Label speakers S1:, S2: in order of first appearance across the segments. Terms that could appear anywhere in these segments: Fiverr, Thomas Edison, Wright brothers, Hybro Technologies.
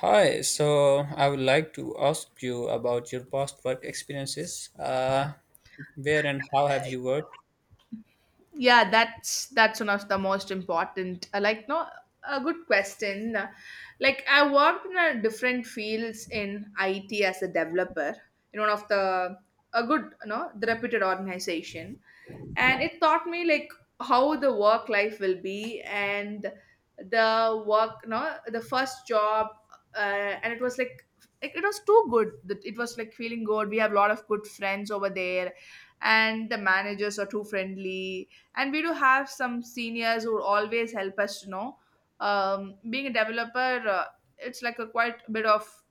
S1: Hi, so I would like to ask you about your past work experiences. Where and how have you worked?
S2: Yeah, that's one of the most important, like, no, a good question. Like, I worked in a different fields in IT as a developer in one of the, a good, you know, the reputed organization. And it taught me like how the work life will be, and the work, you know, the first job. And it was like, it was too good, that it was like feeling good. We have a lot of good friends over there, and the managers are too friendly, and we do have some seniors who always help us to know. Being a developer, it's like a quite bit of,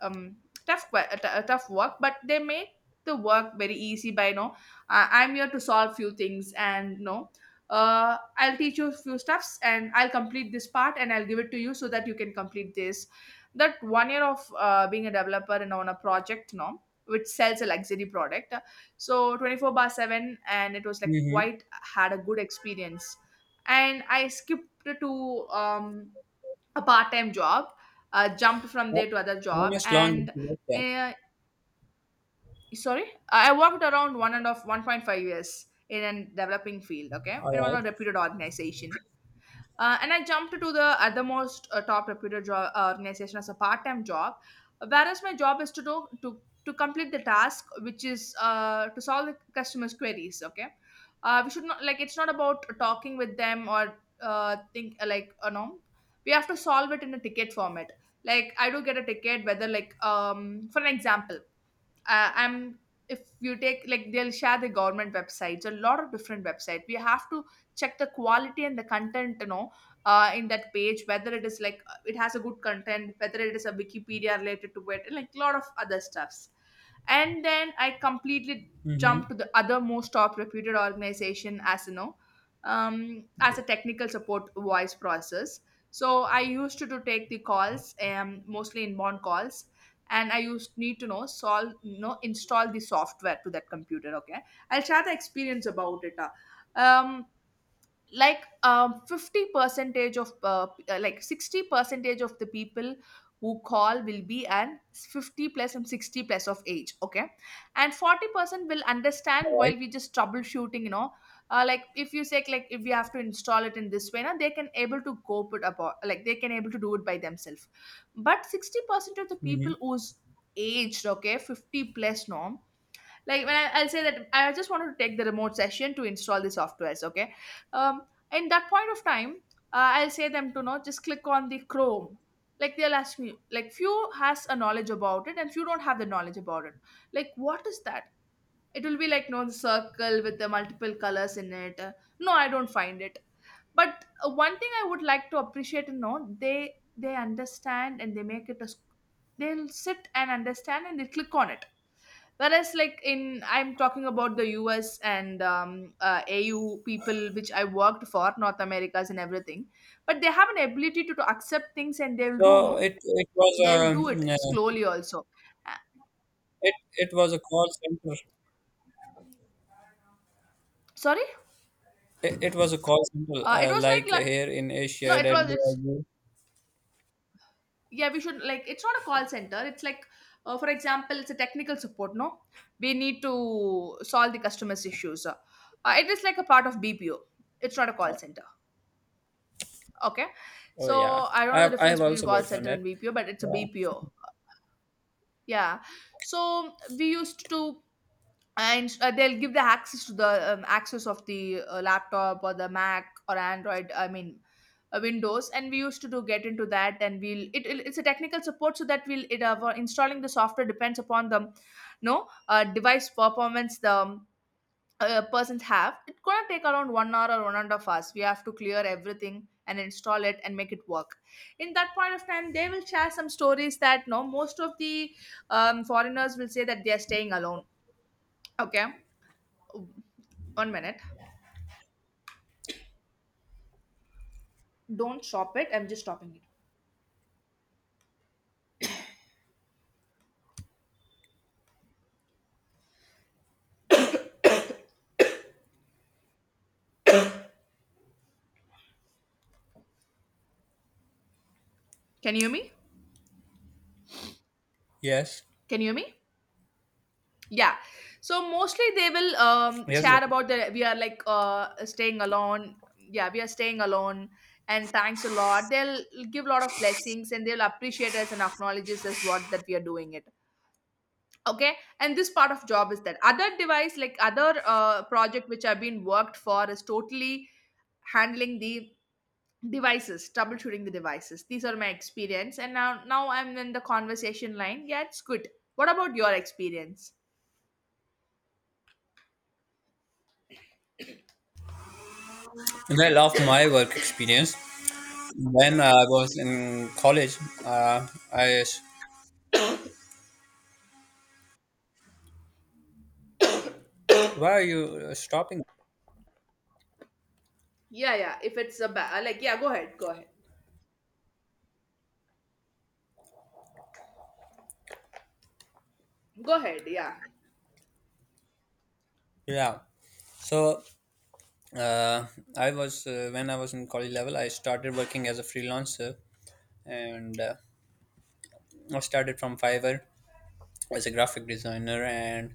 S2: um, tough que- a t- a tough work, but they make the work very easy by, you know, I am here to solve few things. And no, I'll teach you few stuffs, and I'll complete this part, and I'll give it to you, so that you can complete this. That 1 year of, being a developer and on a project, no, which sells a luxury product. So 24 bar 7, and it was like
S1: Mm-hmm.
S2: quite, had a good experience. And I skipped to, a part-time job. Jumped from
S1: How
S2: there to other job.
S1: much long did
S2: And
S1: you work there?
S2: uh, sorry, I worked around one and of 1.5 years in a developing field, okay, in one
S1: All
S2: of
S1: right.
S2: reputed organization. And I jumped to the other most, top reputed organization as a part time job, whereas my job is to do to complete the task, which is to solve the customers' queries. Okay. We should not, like, it's not about talking with them or, think, like, we have to solve it in a ticket format. Like, I do get a ticket, whether like, for an example, I'm if you take, like, they'll share the government websites, a lot of different websites. We have to check the quality and the content, in that page, whether it is like, it has a good content, whether it is a Wikipedia related to it and like a lot of other stuffs. And then I completely jumped
S1: Mm-hmm.
S2: to the other most top reputed organization, as you know, as a technical support voice process. So I used to take the calls, mostly inbound calls. And I used need to know, solve, install the software to that computer, okay. I'll share the experience about it. Um like, 50 percentage of like, 60 percentage of the people who call will be an 50 plus and 60 plus of age, okay. And 40% will understand
S1: All right.
S2: while we just troubleshooting, like, if you say, like, if we have to install it in this way, now they can able to cope it about, like, they can able to do it by themselves. But 60% of the people
S1: Mm-hmm.
S2: who's aged, okay, 50 plus, no, like, when I'll say that I just wanted to take the remote session to install the softwares, okay. um in that point of time, I'll say them to not just click on the Chrome. Like, they'll ask me, like, few has a knowledge about it and few don't have the knowledge about it, like, what is that? It will be like, no, the circle with the multiple colors in it. No, I don't find it. But one thing I would like to appreciate and know, they understand, and they make it a they'll sit and understand and they click on it. Whereas, like, in I'm talking about the US and, AU people, which I worked for north americas and everything. But they have an ability to accept things, and they'll do,
S1: So
S2: no,
S1: it it was
S2: they'll do it
S1: a
S2: slowly also. Uh,
S1: it it was a call center.
S2: Sorry.
S1: It was a call center,
S2: It was
S1: like
S2: like,
S1: here in
S2: no,
S1: Asia that
S2: it
S1: they
S2: was,
S1: are
S2: it's
S1: doing-
S2: yeah, we should, like, it's not a call center, it's like, for example, it's a technical support, no, we need to solve the customers issues. It is like a part of BPO, it's not a call center. Okay.
S1: Oh yeah,
S2: So I don't
S1: I
S2: know the
S1: have I
S2: difference
S1: have
S2: between
S1: also
S2: call
S1: worked on
S2: center and
S1: that.
S2: BPO, but it's a
S1: Yeah.
S2: BPO. Yeah. So we used to, and they'll give the access to the, access of the, laptop or the Mac or Android, I mean, Windows, and we used to do get into that, and it's a technical support, so that we'll it installing the software depends upon the, no, device performance, the persons have, it gonna take around 1 hour or 1.5 hours. We have to clear everything and install it and make it work. In that point of time they will share some stories that, no, most of the, foreigners will say that they are staying alone, okay. 1 minute. Don't stop it, I'm just stopping it. Can you hear me?
S1: Yes.
S2: Can you hear me? Yeah. So mostly they will,
S1: Yes.
S2: chat about the, we are like, staying alone. Yeah, we are staying alone, and thanks a lot. They'll give a lot of blessings, and they'll appreciate us and acknowledge us as what that we are doing it. Okay. And this part of job is that other device, like other, project which I've been worked for, is totally handling the devices, troubleshooting the devices. These are my experience, and now I'm in the conversation line. Yeah, it's good. What about your experience?
S1: Well, of my work experience. When I was in college, uh, I why are you stopping?
S2: Yeah, yeah. If it's a like, yeah, go ahead, go ahead, go ahead. Yeah,
S1: Yeah, so, uh, I was when I was in college level, I started working as a freelancer, and I started from Fiverr as a graphic designer and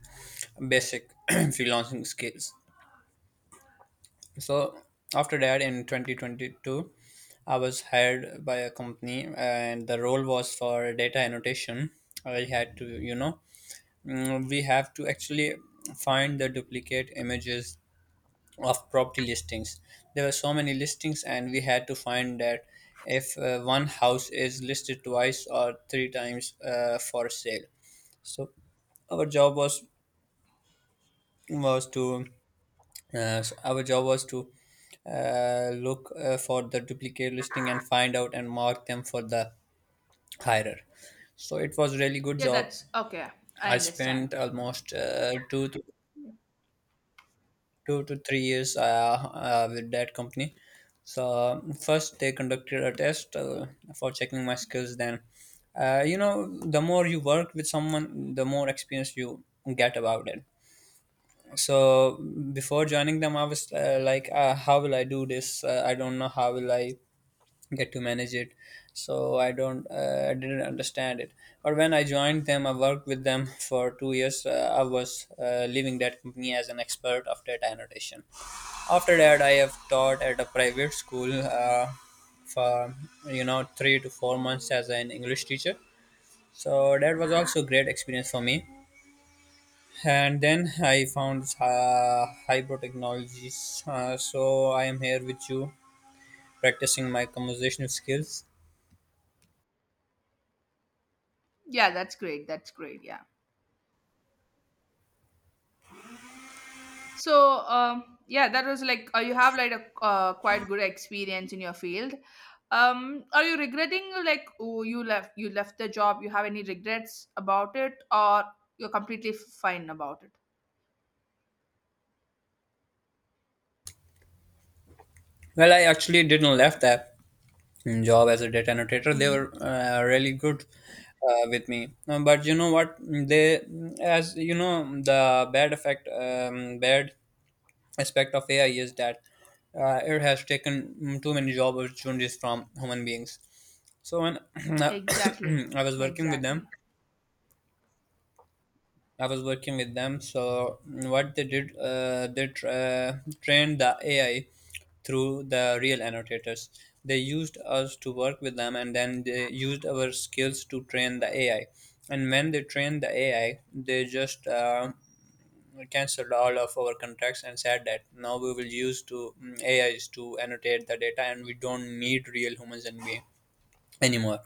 S1: basic freelancing skills. So after that, in 2022, I was hired by a company, and the role was for data annotation. I had to, we have to actually find the duplicate images of property listings. There were so many listings, and we had to find that if one house is listed twice or three times for sale. So our job was to uh, s- our job was to look for the duplicate listing and find out and mark them for the hirer. So it was really good
S2: yeah.
S1: job.
S2: That's okay. I
S1: I
S2: understand.
S1: spent almost two to three years, with that company. So first they conducted a test for checking my skills. Then, the more you work with someone, the more experience you get about it. So before joining them, I was like, how will I do this? I don't know how will I get to manage it. So I didn't understand it. But when I joined them, I worked with them for 2 years. I was leaving that company as an expert of data annotation. After that, I have taught at a private school, for 3 to 4 months as an English teacher. So that was also a great experience for me. And then I found Hybro Technologies. So I am here with you, practicing my conversational skills.
S2: Yeah, that's great. That's great. Yeah. So, yeah, that was like, you have like a, quite good experience in your field. Are you regretting, like, oh, you left, the job? You have any regrets about it, or you're completely fine about it?
S1: Well, I actually didn't left that job as a data annotator. They
S2: Mm,
S1: were really good with me. But you know what? They, as you know, the bad aspect of AI is that it has taken too many job opportunities from human beings. So when
S2: exactly.
S1: I was working with
S2: Exactly.
S1: them. So what they did, they trained the AI through the real annotators. They used us to work with them, and then they used our skills to train the AI. And when they trained the AI, they just cancelled all of our contracts and said that now we will use to AIs to annotate the data, and we don't need real humans and we anymore.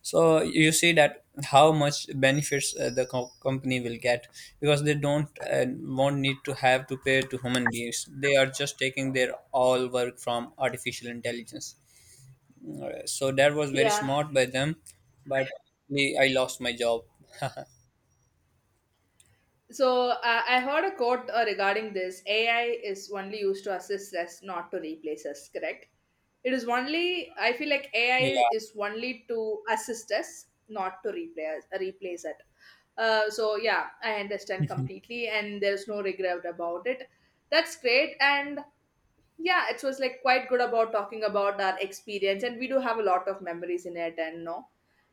S1: So you see that how much benefits the company will get because they don't won't need to have to pay to human beings. They are just taking their all work from artificial intelligence. So that was very smart by them, but I lost my job.
S2: So I heard a quote regarding this. AI is only used to assist us, not to replace us. Correct? It is only. I feel like AI
S1: Yeah.
S2: is only to assist us, not to replace it. Yeah, I understand completely, and there's no regret about it. That's great, and yeah, it was like quite good about talking about our experience, and we do have a lot of memories in it, and no,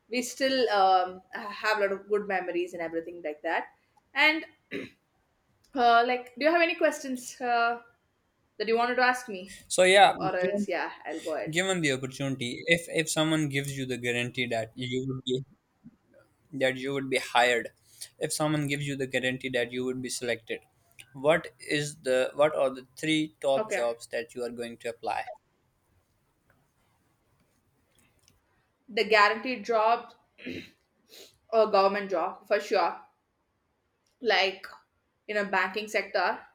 S2: we still, have a lot of good memories and everything like that. And like, do you have any questions that you wanted to ask me?
S1: So yeah,
S2: Or else, yeah, I'll go ahead.
S1: given the opportunity, if someone gives you the guarantee that you would be hired, if someone gives you the guarantee that you would be selected, what are the three top
S2: Okay.
S1: jobs that you are going to apply?
S2: The guaranteed job or government job, for sure. Like, in a banking sector,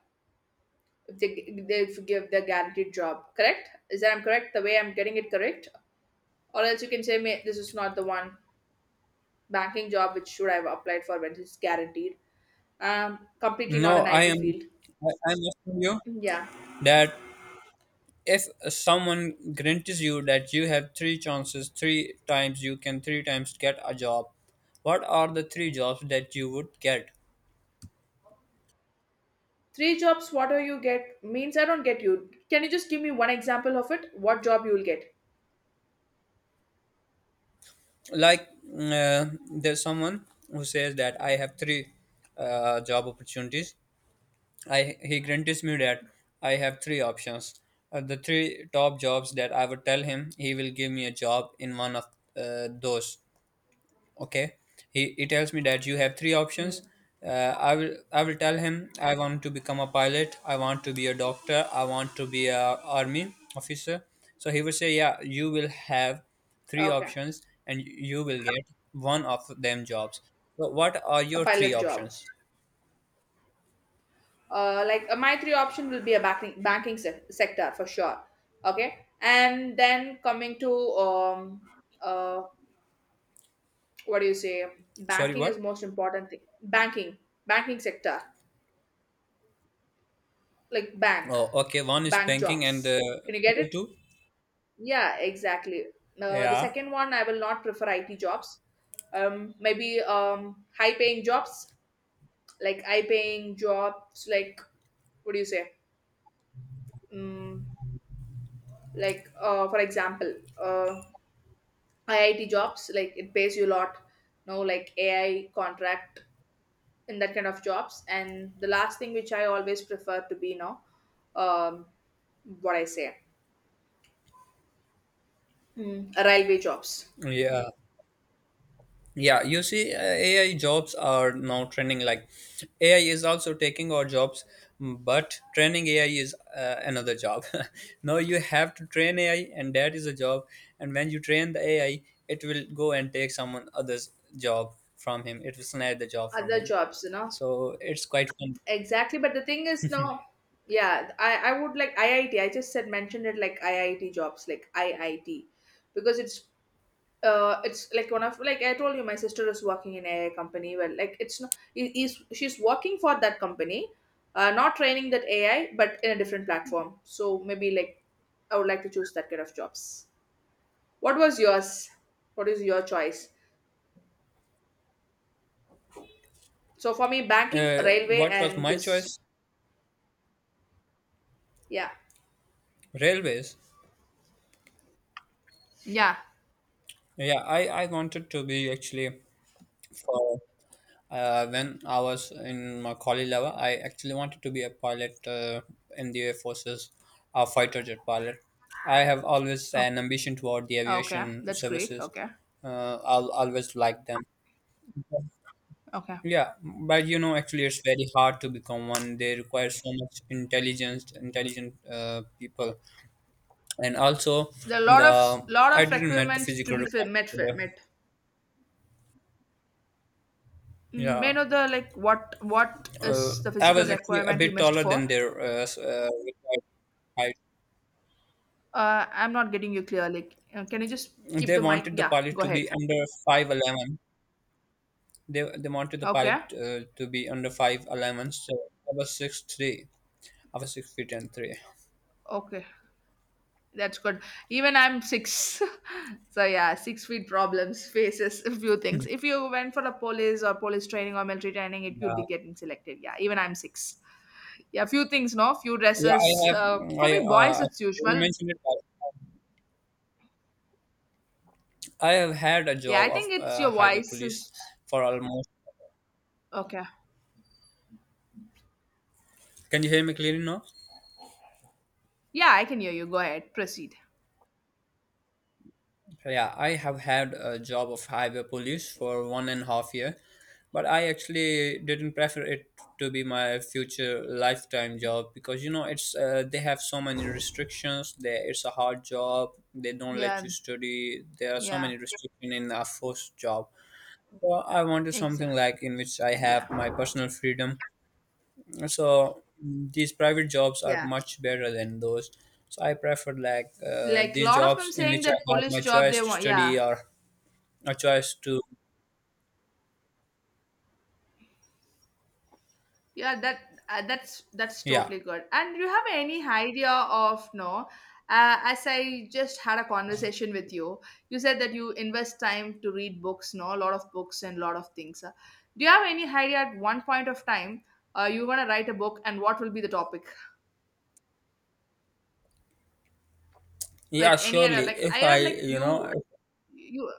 S2: if they give the guaranteed job, correct? Is that I'm correct? The way I'm getting it correct? Or else you can say, "May this is not the one banking job which should I have applied for when it's guaranteed. Completely
S1: no
S2: not an
S1: i
S2: IT
S1: am
S2: field.
S1: I, i'm asking you
S2: Yeah.
S1: that if someone guarantees you that you have three chances, three times you can three times get a job, what are the three jobs that you would get?
S2: Three jobs, what do you get? Means I don't get you. Can you just give me one example of it? What job you will get?
S1: Like, uh, there's someone who says that I have three job opportunities. I he guarantees me that I have three options. The three top jobs that I would tell him, he will give me a job in one of those. Okay. He tells me that you have three options.
S2: Mm.
S1: Uh, i will i will tell him I want to become a pilot, I want to be a doctor, I want to be a army officer. So he would say, yeah, you will have three
S2: Okay,
S1: options and you will get one of them jobs. So what are
S2: a
S1: your three
S2: pilot job.
S1: options?
S2: Like, my three option will be a sector, for sure. Okay, and then coming to, uh what do you say?
S1: Sorry,
S2: Banking is
S1: what?
S2: most important thing. Banking, banking sector, like, bank,
S1: Oh, okay, one is
S2: bank
S1: banking and
S2: jobs. Can you get
S1: other
S2: it?
S1: two?
S2: Yeah, exactly. The
S1: Yeah,
S2: second one, I will not prefer IT jobs. Maybe, high-paying jobs, like, high-paying jobs, like, what do you say? Mm, like, for example, uh, IIT jobs, like, it pays you a lot. No, like, AI contract in that kind of jobs. And the last thing which I always prefer to be now, um, what I say, mm, railway jobs,
S1: yeah. Yeah, you see, AI jobs are now trending. Like, AI is also taking our jobs, but training AI is another job. Now you have to train AI, and that is a job. And when you train the AI, it will go and take someone other's job from him. It will snatch the job from
S2: other
S1: him.
S2: jobs, you know,
S1: So it's quite fun.
S2: exactly, but the thing is now, yeah, I would like IIT. I just said mentioned it, like, IIT jobs, like, IIT, because it's like one of, like, I told you my sister is working in AI company. Well, like, it's not, I- is she's working for that company, not training that AI, but in a different platform. So maybe, like, I would like to choose that kind of jobs. What was yours? What is your choice? So for me, banking,
S1: Uh,
S2: railway,
S1: what was
S2: and
S1: my
S2: this.
S1: choice?
S2: Yeah.
S1: Railways.
S2: Yeah.
S1: Yeah, I wanted to be actually for... When I was in my college level, I actually wanted to be a pilot in the Air Force's, a fighter jet pilot. I have always
S2: Oh,
S1: an ambition toward the
S2: okay,
S1: aviation
S2: that's great.
S1: services.
S2: Okay.
S1: I'll always like them.
S2: Okay.
S1: Yeah, but you know, actually, it's very hard to become one. They require so much intelligent people, and also
S2: There are a lot of
S1: the I didn't met the
S2: requirements to
S1: physical
S2: be
S1: requirement. For the-
S2: met. Mm, may I
S1: Yeah,
S2: know the, like, what
S1: uh,
S2: is the
S1: I
S2: physical
S1: was actually a
S2: requirement you
S1: bit
S2: missed
S1: taller
S2: for?
S1: than their required.
S2: I'm not getting you clear. Like, can you just keep
S1: They
S2: the mic?
S1: wanted the
S2: Yeah,
S1: pilot
S2: go
S1: to
S2: ahead.
S1: be under 5'11. They wanted the
S2: Okay.
S1: pilot to be under 5'11, so I was 6'3". I was 6 feet and 3.
S2: Okay. That's good. Even I'm six. So yeah, 6 feet problems, faces, a few
S1: Hmm.
S2: things. If you went for the police or police training or military training, it you'll
S1: Yeah,
S2: be getting selected. Yeah, even I'm six. Yeah, few things, no? Few
S1: yeah. I
S2: dresses.
S1: have
S2: Uh,
S1: I
S2: for me, boys,
S1: I
S2: it's
S1: really
S2: usual.
S1: mentioned it, but I have had a
S2: Yeah, I
S1: job of
S2: think it's your
S1: highway
S2: voice
S1: police
S2: is
S1: for almost...
S2: okay.
S1: can you hear me clearly now?
S2: Yeah, I can hear you. Go ahead, proceed.
S1: Yeah, I have had a job of highway police for 1.5 year, but I actually didn't prefer it to be my future lifetime job, because you know it's they have so many restrictions. They, it's a hard job. They don't let
S2: Yeah,
S1: you study. There are so
S2: yeah,
S1: many restrictions in a forced job. So I wanted something
S2: exactly.
S1: like in which I have
S2: Yeah,
S1: my personal freedom. So these private jobs are
S2: yeah.
S1: much better than those. So I preferred, like,
S2: Like a
S1: these
S2: lot of them
S1: jobs in
S2: saying
S1: which I
S2: that
S1: have
S2: police
S1: my
S2: job they
S1: choice to
S2: want.
S1: study
S2: Yeah,
S1: or a choice to...
S2: yeah. That's
S1: yeah,
S2: totally good. And do you have any idea of no? As I just had a conversation with you, you said that you invest time to read books, no, a lot of books and a lot of things. Do you have any idea at one point of time you're gonna write a book, and what will be the topic?
S1: yeah,
S2: Like any
S1: surely.
S2: other, like I
S1: if i
S2: heard like
S1: you know
S2: you you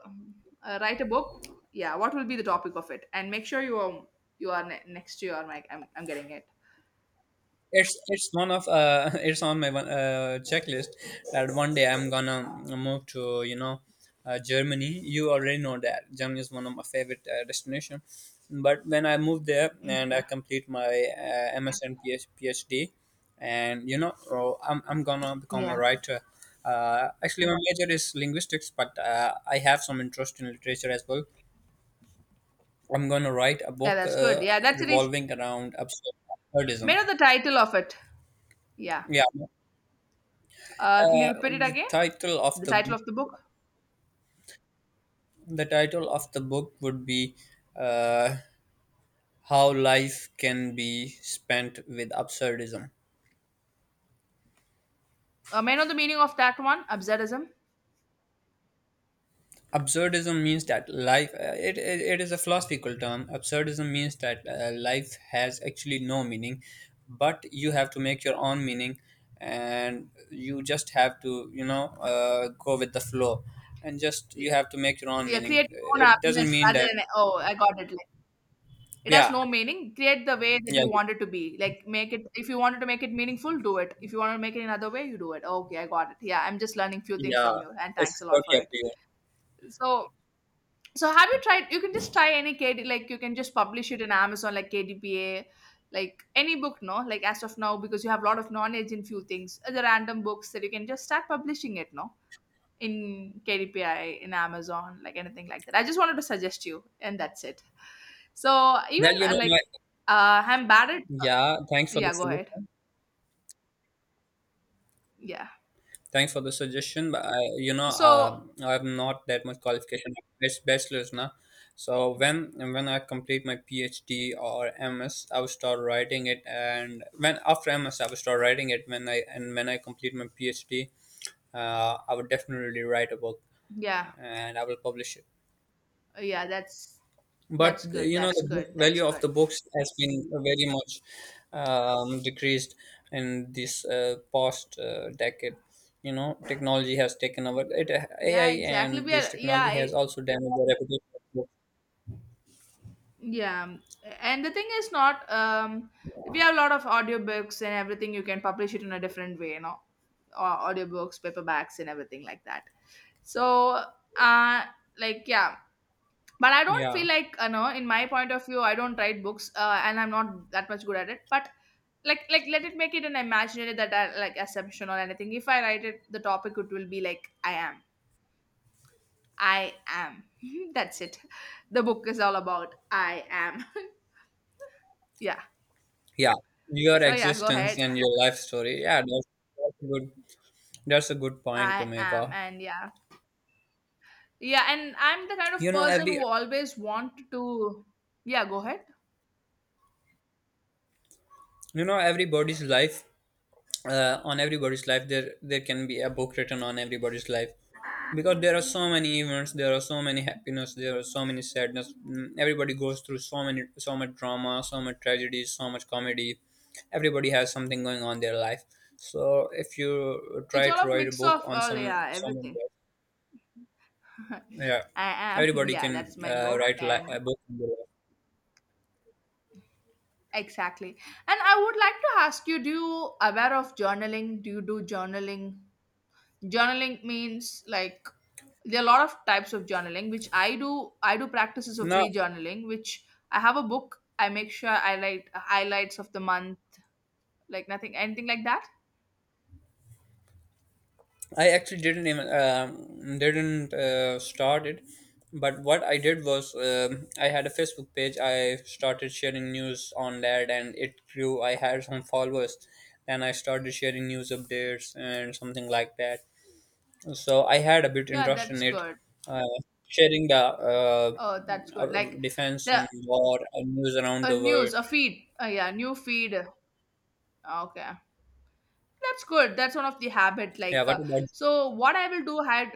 S2: uh, write a book. Yeah, what will be the topic of it, and make sure you are you are next to your mic. I'm getting it.
S1: it's it's one of it's on my one checklist that one day I'm gonna move to, Germany. You already know that Germany is one of my favorite destination. But when I move there and I
S2: Okay.
S1: complete my MS and PhD, and you know, oh, I'm gonna become a
S2: Yeah,
S1: writer. Actually, my major is linguistics, but I have some interest in literature as well. I'm going to write a
S2: yeah,
S1: book
S2: that's good. Yeah, that's, it is
S1: revolving around
S2: made
S1: absurdism.
S2: of the title of it. Yeah,
S1: Yeah,
S2: can you repeat it
S1: the
S2: again?
S1: title of
S2: The
S1: the
S2: title
S1: book,
S2: of the book.
S1: the title of the book would be uh, "How Life Can Be Spent with Absurdism."
S2: May I know the meaning of that one, absurdism?
S1: Absurdism means that life it is a philosophical term. Absurdism means that life has actually no meaning, but you have to make your own meaning and you just have to go with the flow. And just you have to make your own
S2: Yeah,
S1: meaning.
S2: create your own
S1: It
S2: happiness
S1: doesn't mean
S2: rather
S1: that...
S2: than, oh, I got it. Like, it has
S1: Yeah,
S2: no meaning. Create the way that
S1: yeah,
S2: you want it to be. Like, make it, if you wanted to make it meaningful, do it. If you want to make it another way, you do it. Okay, I got it. Yeah, I'm just learning few things
S1: yeah.
S2: from you, and thanks a
S1: It's
S2: lot for
S1: totally up
S2: it.
S1: to you.
S2: So so have you tried, you can just try any KD, like you can just publish it in Amazon, like KDPA, like any book no, like as of now, because you have a lot of knowledge in few things, other random books that you can just start publishing it no, in KDPI, in Amazon, like anything like that. I just wanted to suggest you, and that's it. So even
S1: Well, you know, my...
S2: like, I'm bad at
S1: yeah, thanks for
S2: yeah.
S1: the
S2: Go ahead.
S1: suggestion.
S2: Yeah.
S1: Thanks for the suggestion, but
S2: So
S1: I have not that much qualification. It's bachelor's now. So when I complete my PhD or MS, I will start writing it, and when after MS, I will start writing it. When I complete my PhD, I would definitely write a book,
S2: yeah,
S1: and I will publish it.
S2: yeah. That's
S1: But
S2: that's good.
S1: you know,
S2: That's
S1: the book
S2: good. That's
S1: value of
S2: good.
S1: the books has been very much decreased in this past decade. You know, technology has taken over it.
S2: Yeah,
S1: AI
S2: exactly.
S1: and
S2: We
S1: this
S2: are, yeah,
S1: technology has
S2: I—
S1: also damaged the reputation of books.
S2: yeah. And the thing is not, we have a lot of audiobooks and everything. You can publish it in a different way, you know, au- audiobooks, paperbacks, and everything like that. So, uh, like, yeah, but I don't feel
S1: Yeah,
S2: like, you know, in my point of view I don't write books, and I'm not that much good at it, but like let it make it an imaginary that I, like assumption or anything, if I write it the topic it will be like I am, I am that's it. The book is all about I am. Yeah,
S1: yeah. Your
S2: so yeah, go
S1: existence
S2: ahead.
S1: and your life story. Yeah, that's a good that's a good point to
S2: I
S1: make
S2: am,
S1: off.
S2: and yeah, yeah. And I'm the kind of
S1: You know,
S2: person
S1: every
S2: who always want to, yeah, go ahead.
S1: everybody's life. On everybody's life, there can be a book written on everybody's life, because there are so many events, there are so many happiness, there are so many sadness. Everybody goes through so much drama, so much tragedies, so much comedy. Everybody has something going on in their life. So if you try
S2: It's
S1: to
S2: all a
S1: write a
S2: mix
S1: book
S2: of
S1: on
S2: all, yeah,
S1: someone.
S2: everything.
S1: Yeah,
S2: I am,
S1: everybody
S2: yeah,
S1: can
S2: that's my book.
S1: write
S2: And
S1: a book on their life.
S2: exactly. And I would like to ask you, do you aware of journaling? Do you do journaling? Journaling means like, there are a lot of types of journaling, which I do. I do practices of
S1: No,
S2: free journaling, which I have a book. I make sure I write highlights of the month, like nothing, anything like that.
S1: I actually didn't start it, but what I did was, I had a Facebook page. I started sharing news on that, and it grew. I had some followers, and I started sharing news updates and something like that. So I had a bit
S2: Yeah,
S1: interest
S2: that's
S1: in it,
S2: good.
S1: uh, sharing the
S2: Oh, that's good. Like
S1: defense
S2: the,
S1: in war and news around
S2: a
S1: the world.
S2: news, a feed. Yeah, new feed. Okay. That's good. That's one of the habit.
S1: Yeah,
S2: Like,
S1: what about?
S2: so what I will do, had,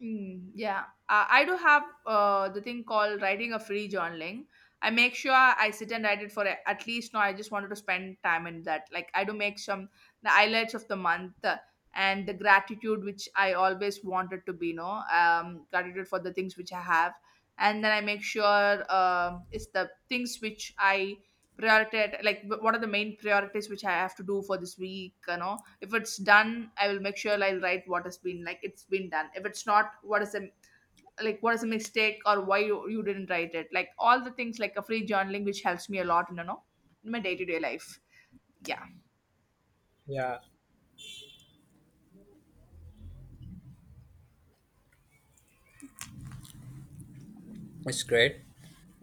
S2: mm, yeah, I do have the thing called writing a free journaling. I make sure I sit and write it for a- at least. No, I just wanted to spend time in that. Like, I do make some the highlights of the month and the gratitude which I always wanted to be. No, gratitude for the things which I have, and then I make sure it's the things which I prioritize. Like, wh- what are the main priorities which I have to do for this week? You know, if it's done I will make sure I'll write what has been, like it's been done. If it's not, what is a, like what is a mistake, or why you, didn't write it, like all the things, like a free journaling which helps me a lot, you know, in my day-to-day life. Yeah.
S1: Yeah, it's great.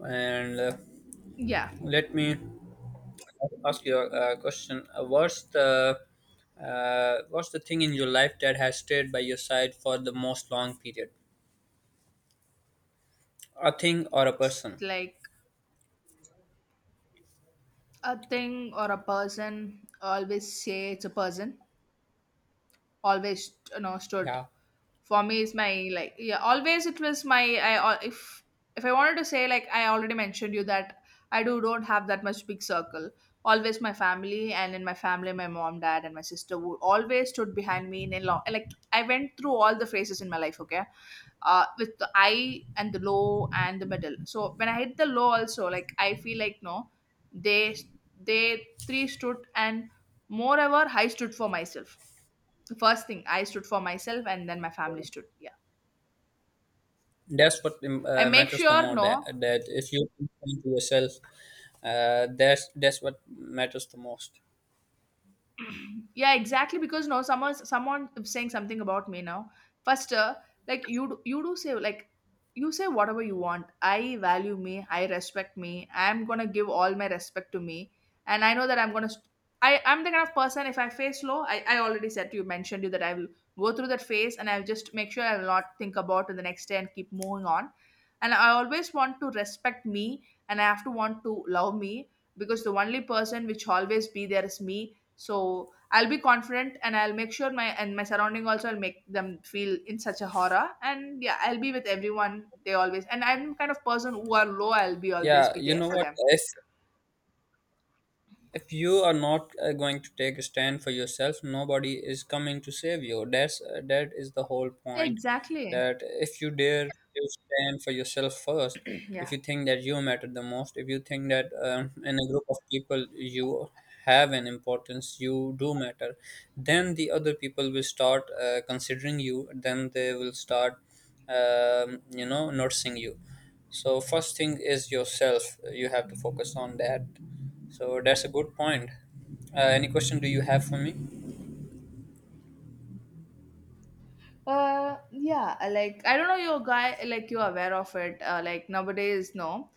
S1: And
S2: Yeah,
S1: let me ask you a question. What's the thing in your life that has stayed by your side for the most long period? A thing or a
S2: it's
S1: person?
S2: like, a thing or a person, I always say it's a person always, you know, stood
S1: Yeah,
S2: for me is my, like, yeah, always it was my, I al- if I wanted to say, like I already mentioned you that I do don't have that much big circle, always my family, and in my family my mom, dad, and my sister would always stood behind me in a lot. Like I went through all the phases in my life. Okay, with the high and the low and the middle. So when I hit the low also, like I feel like, no, they they three stood, and moreover I stood for myself. First thing, I stood for myself, and then my family stood. Yeah.
S1: that's what
S2: I make
S1: matters the
S2: sure,
S1: more. That
S2: no,
S1: that if you think to yourself, that's what matters the most.
S2: yeah, exactly, because no, someone is saying something about me now first, like you do say like you say whatever you want, I value me, I respect me, I'm gonna give all my respect to me, and I know that I'm gonna st- I'm the kind of person, if I face low, I already said to you mentioned you that I will go through that phase, and I'll just make sure I will not think about it the next day and keep moving on. And I always want to respect me, and I have to want to love me, because the only person which always be there is me. So I'll be confident and I'll make sure my and my surrounding also I'll make them feel in such a horror. And yeah, I'll be with everyone. They always, and I'm kind of person who are low, I'll be always
S1: Yeah,
S2: be
S1: you
S2: there
S1: know
S2: for
S1: what?
S2: them.
S1: If you are not going to take a stand for yourself, nobody is coming to save you. That is the whole point.
S2: Exactly.
S1: That if you dare to stand for yourself first,
S2: Yeah.
S1: if you think that you matter the most, if you think that in a group of people you have an importance, you do matter, then the other people will start considering you. Then they will start, you know, noticing you. So first thing is yourself. You have to focus on that. So that's a good point. Any question do you have for me?
S2: Yeah. I Like I don't know. You guy, like you're aware of it. Like nowadays, no.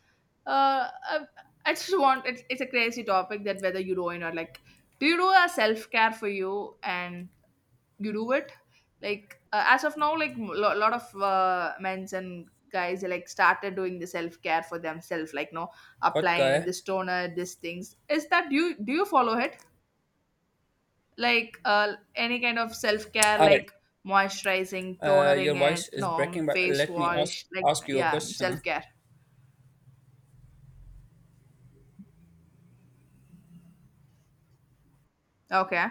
S2: Uh. I, I just want, it's a crazy topic that whether you do or not. Like, do you do a self care for you, and you do it like, as of now, like a lot of men's and guys like started doing the self-care for themselves, like no,
S1: What
S2: applying
S1: guy?
S2: this toner, these things, is that you do, you follow it like any kind of self-care,
S1: All right.
S2: like moisturizing, tonering
S1: Your voice
S2: it,
S1: is
S2: no,
S1: breaking, but
S2: face
S1: let me ask
S2: wash, like
S1: ask you a
S2: yeah,
S1: question.
S2: self-care. Okay,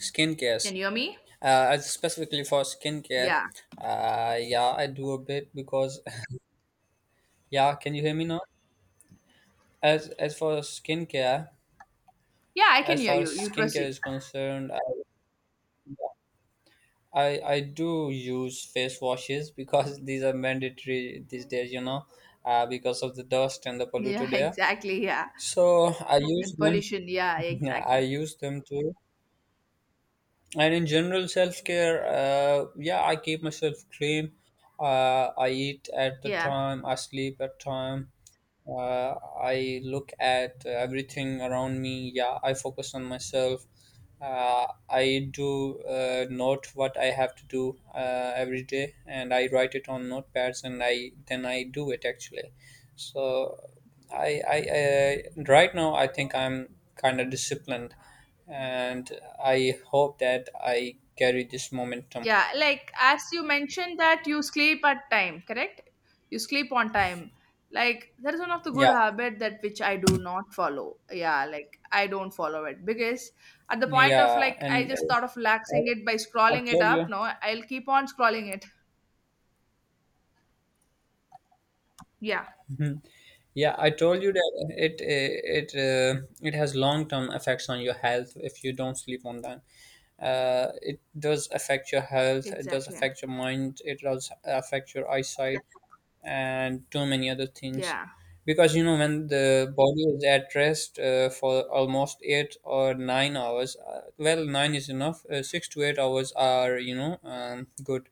S1: Skincare.
S2: can you hear me?
S1: As specifically for skincare.
S2: Yeah,
S1: Yeah, I do a bit because yeah. Can you hear me now? As for skincare,
S2: yeah, I can
S1: as
S2: hear
S1: far
S2: you,
S1: as
S2: you
S1: skincare
S2: proceed.
S1: is concerned, I do use face washes because these are mandatory these days. You know, because of the dust and the
S2: Yeah.
S1: polluted air.
S2: Exactly, yeah.
S1: So I use
S2: And
S1: them.
S2: pollution, yeah,
S1: Yeah, I
S2: exactly.
S1: use them too. And in general, self care, yeah, I keep myself clean. I eat at the
S2: Yeah.
S1: time, I sleep at time, uh, I look at everything around me. Yeah, I focus on myself. I do note what I have to do every day, and I write it on notepads, and I then I do it actually. So I right now I think I'm kind of disciplined, and I hope that I carry this momentum.
S2: Yeah, like as you mentioned that you sleep at time, correct? You sleep on time. Like that is one of the good
S1: Yeah,
S2: habit, that which I do not follow. Yeah, like I don't follow it, because at the point of,
S1: yeah,
S2: like I
S1: and
S2: just thought of relaxing it by
S1: I
S2: scrolling it
S1: told
S2: up.
S1: you.
S2: No, I'll keep on scrolling it. Yeah,
S1: Yeah, I told you that it has long term effects on your health if you don't sleep on time. It does affect your health. It does
S2: exactly.
S1: affect your mind. It does affect your eyesight and too many other things.
S2: Yeah.
S1: Because you know when the body is at rest for almost 8 or 9 hours, well, nine is enough. 6 to 8 hours are you know good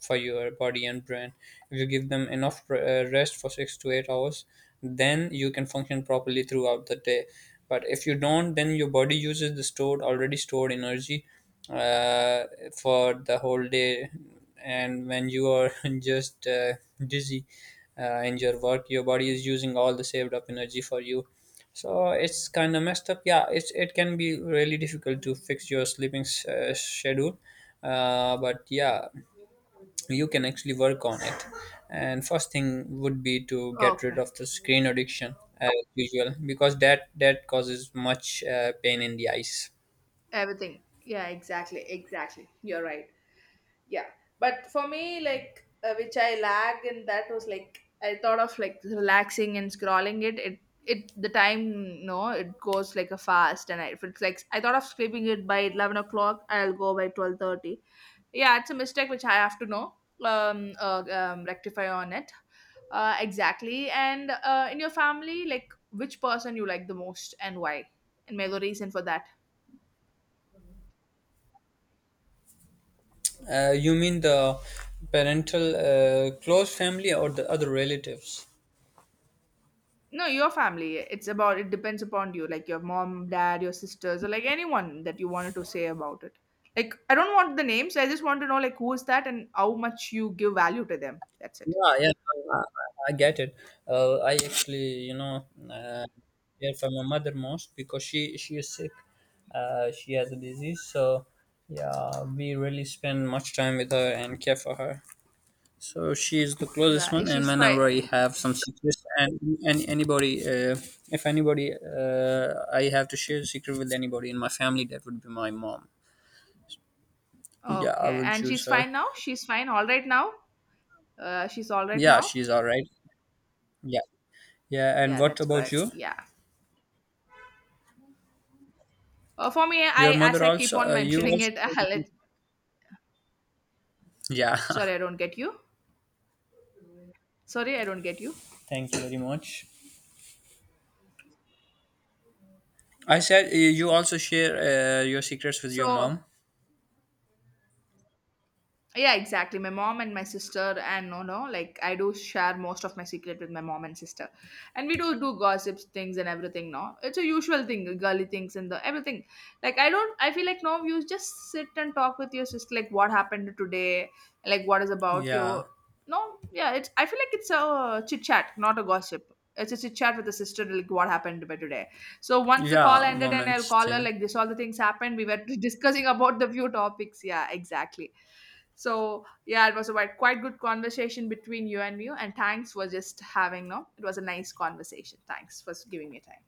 S1: for your body and brain. If you give them enough rest for 6 to 8 hours, then you can function properly throughout the day. But if you don't, then your body uses the stored already stored energy uh, for the whole day. And when you are just dizzy in your work, your body is using all the saved up energy for you. So it's kind of messed up. Yeah, it can be really difficult to fix your schedule. But yeah, you can actually work on it and first thing would be to get rid
S2: Okay.
S1: of the screen addiction as usual because that causes much pain in the eyes
S2: Everything. Yeah, exactly. Exactly. You're right. Yeah, but for me, like, which I lagged in that was like I thought of like relaxing and scrolling it. It the time no, it goes like a fast, and I, if it's like I thought of skipping it by 11 o'clock, I'll go by 12:30. Yeah, it's a mistake which I have to know, rectify on it. Exactly. And in your family, like which person you like the most and why, and may the reason for that.
S1: you mean the parental close family or the other relatives?
S2: No, your family. It's about, it depends upon you, like your mom, dad, your sisters, or like anyone that you wanted to say about it. Like I don't want the names. I just want to know like who is that and how much you give value to them. That's it.
S1: Yeah, i, I get it. I actually, you know, care for my mother most because she is sick. She has a disease, so yeah, we really spend much time with her and care for her. So she is the closest
S2: The
S1: one, and
S2: she's fine.
S1: whenever I have some and anybody, if anybody, I have to share a secret with anybody in my family, that would be my mom. Yeah, I
S2: Okay,
S1: will
S2: and
S1: choose
S2: she's
S1: her.
S2: fine now. She's fine. All right now. She's all right
S1: Yeah,
S2: now.
S1: she's all right. Yeah, yeah. And
S2: Yeah,
S1: what
S2: that's
S1: about
S2: good.
S1: you?
S2: Yeah. For me,
S1: Your
S2: I, as
S1: mother
S2: I keep
S1: also?
S2: on
S1: You
S2: mentioning
S1: also?
S2: it. I'll let,
S1: Yeah.
S2: sorry, I don't get you. Sorry, I don't get you.
S1: Thank you very much. I said you also share your secrets with your
S2: So
S1: mom.
S2: yeah, exactly. My mom and my sister, and no, no, like I do share most of my secret with my mom and sister, and we do do gossips things and everything. No, it's a usual thing, girly things and the everything. Like I don't, I feel like no, you just sit and talk with your sister, like what happened today, like what is about you.
S1: Yeah,
S2: No, yeah, it's. I feel like it's a chit chat, not a gossip. It's a chit chat with the sister, like what happened by today. So once the call
S1: yeah.
S2: ended, and I'll
S1: Woman's
S2: call her
S1: thing.
S2: like this, all the things happened. We were discussing about the few topics. Yeah, exactly. So yeah, it was a quite good conversation between you and me. And thanks for just having no. It was a nice conversation. Thanks for giving me time.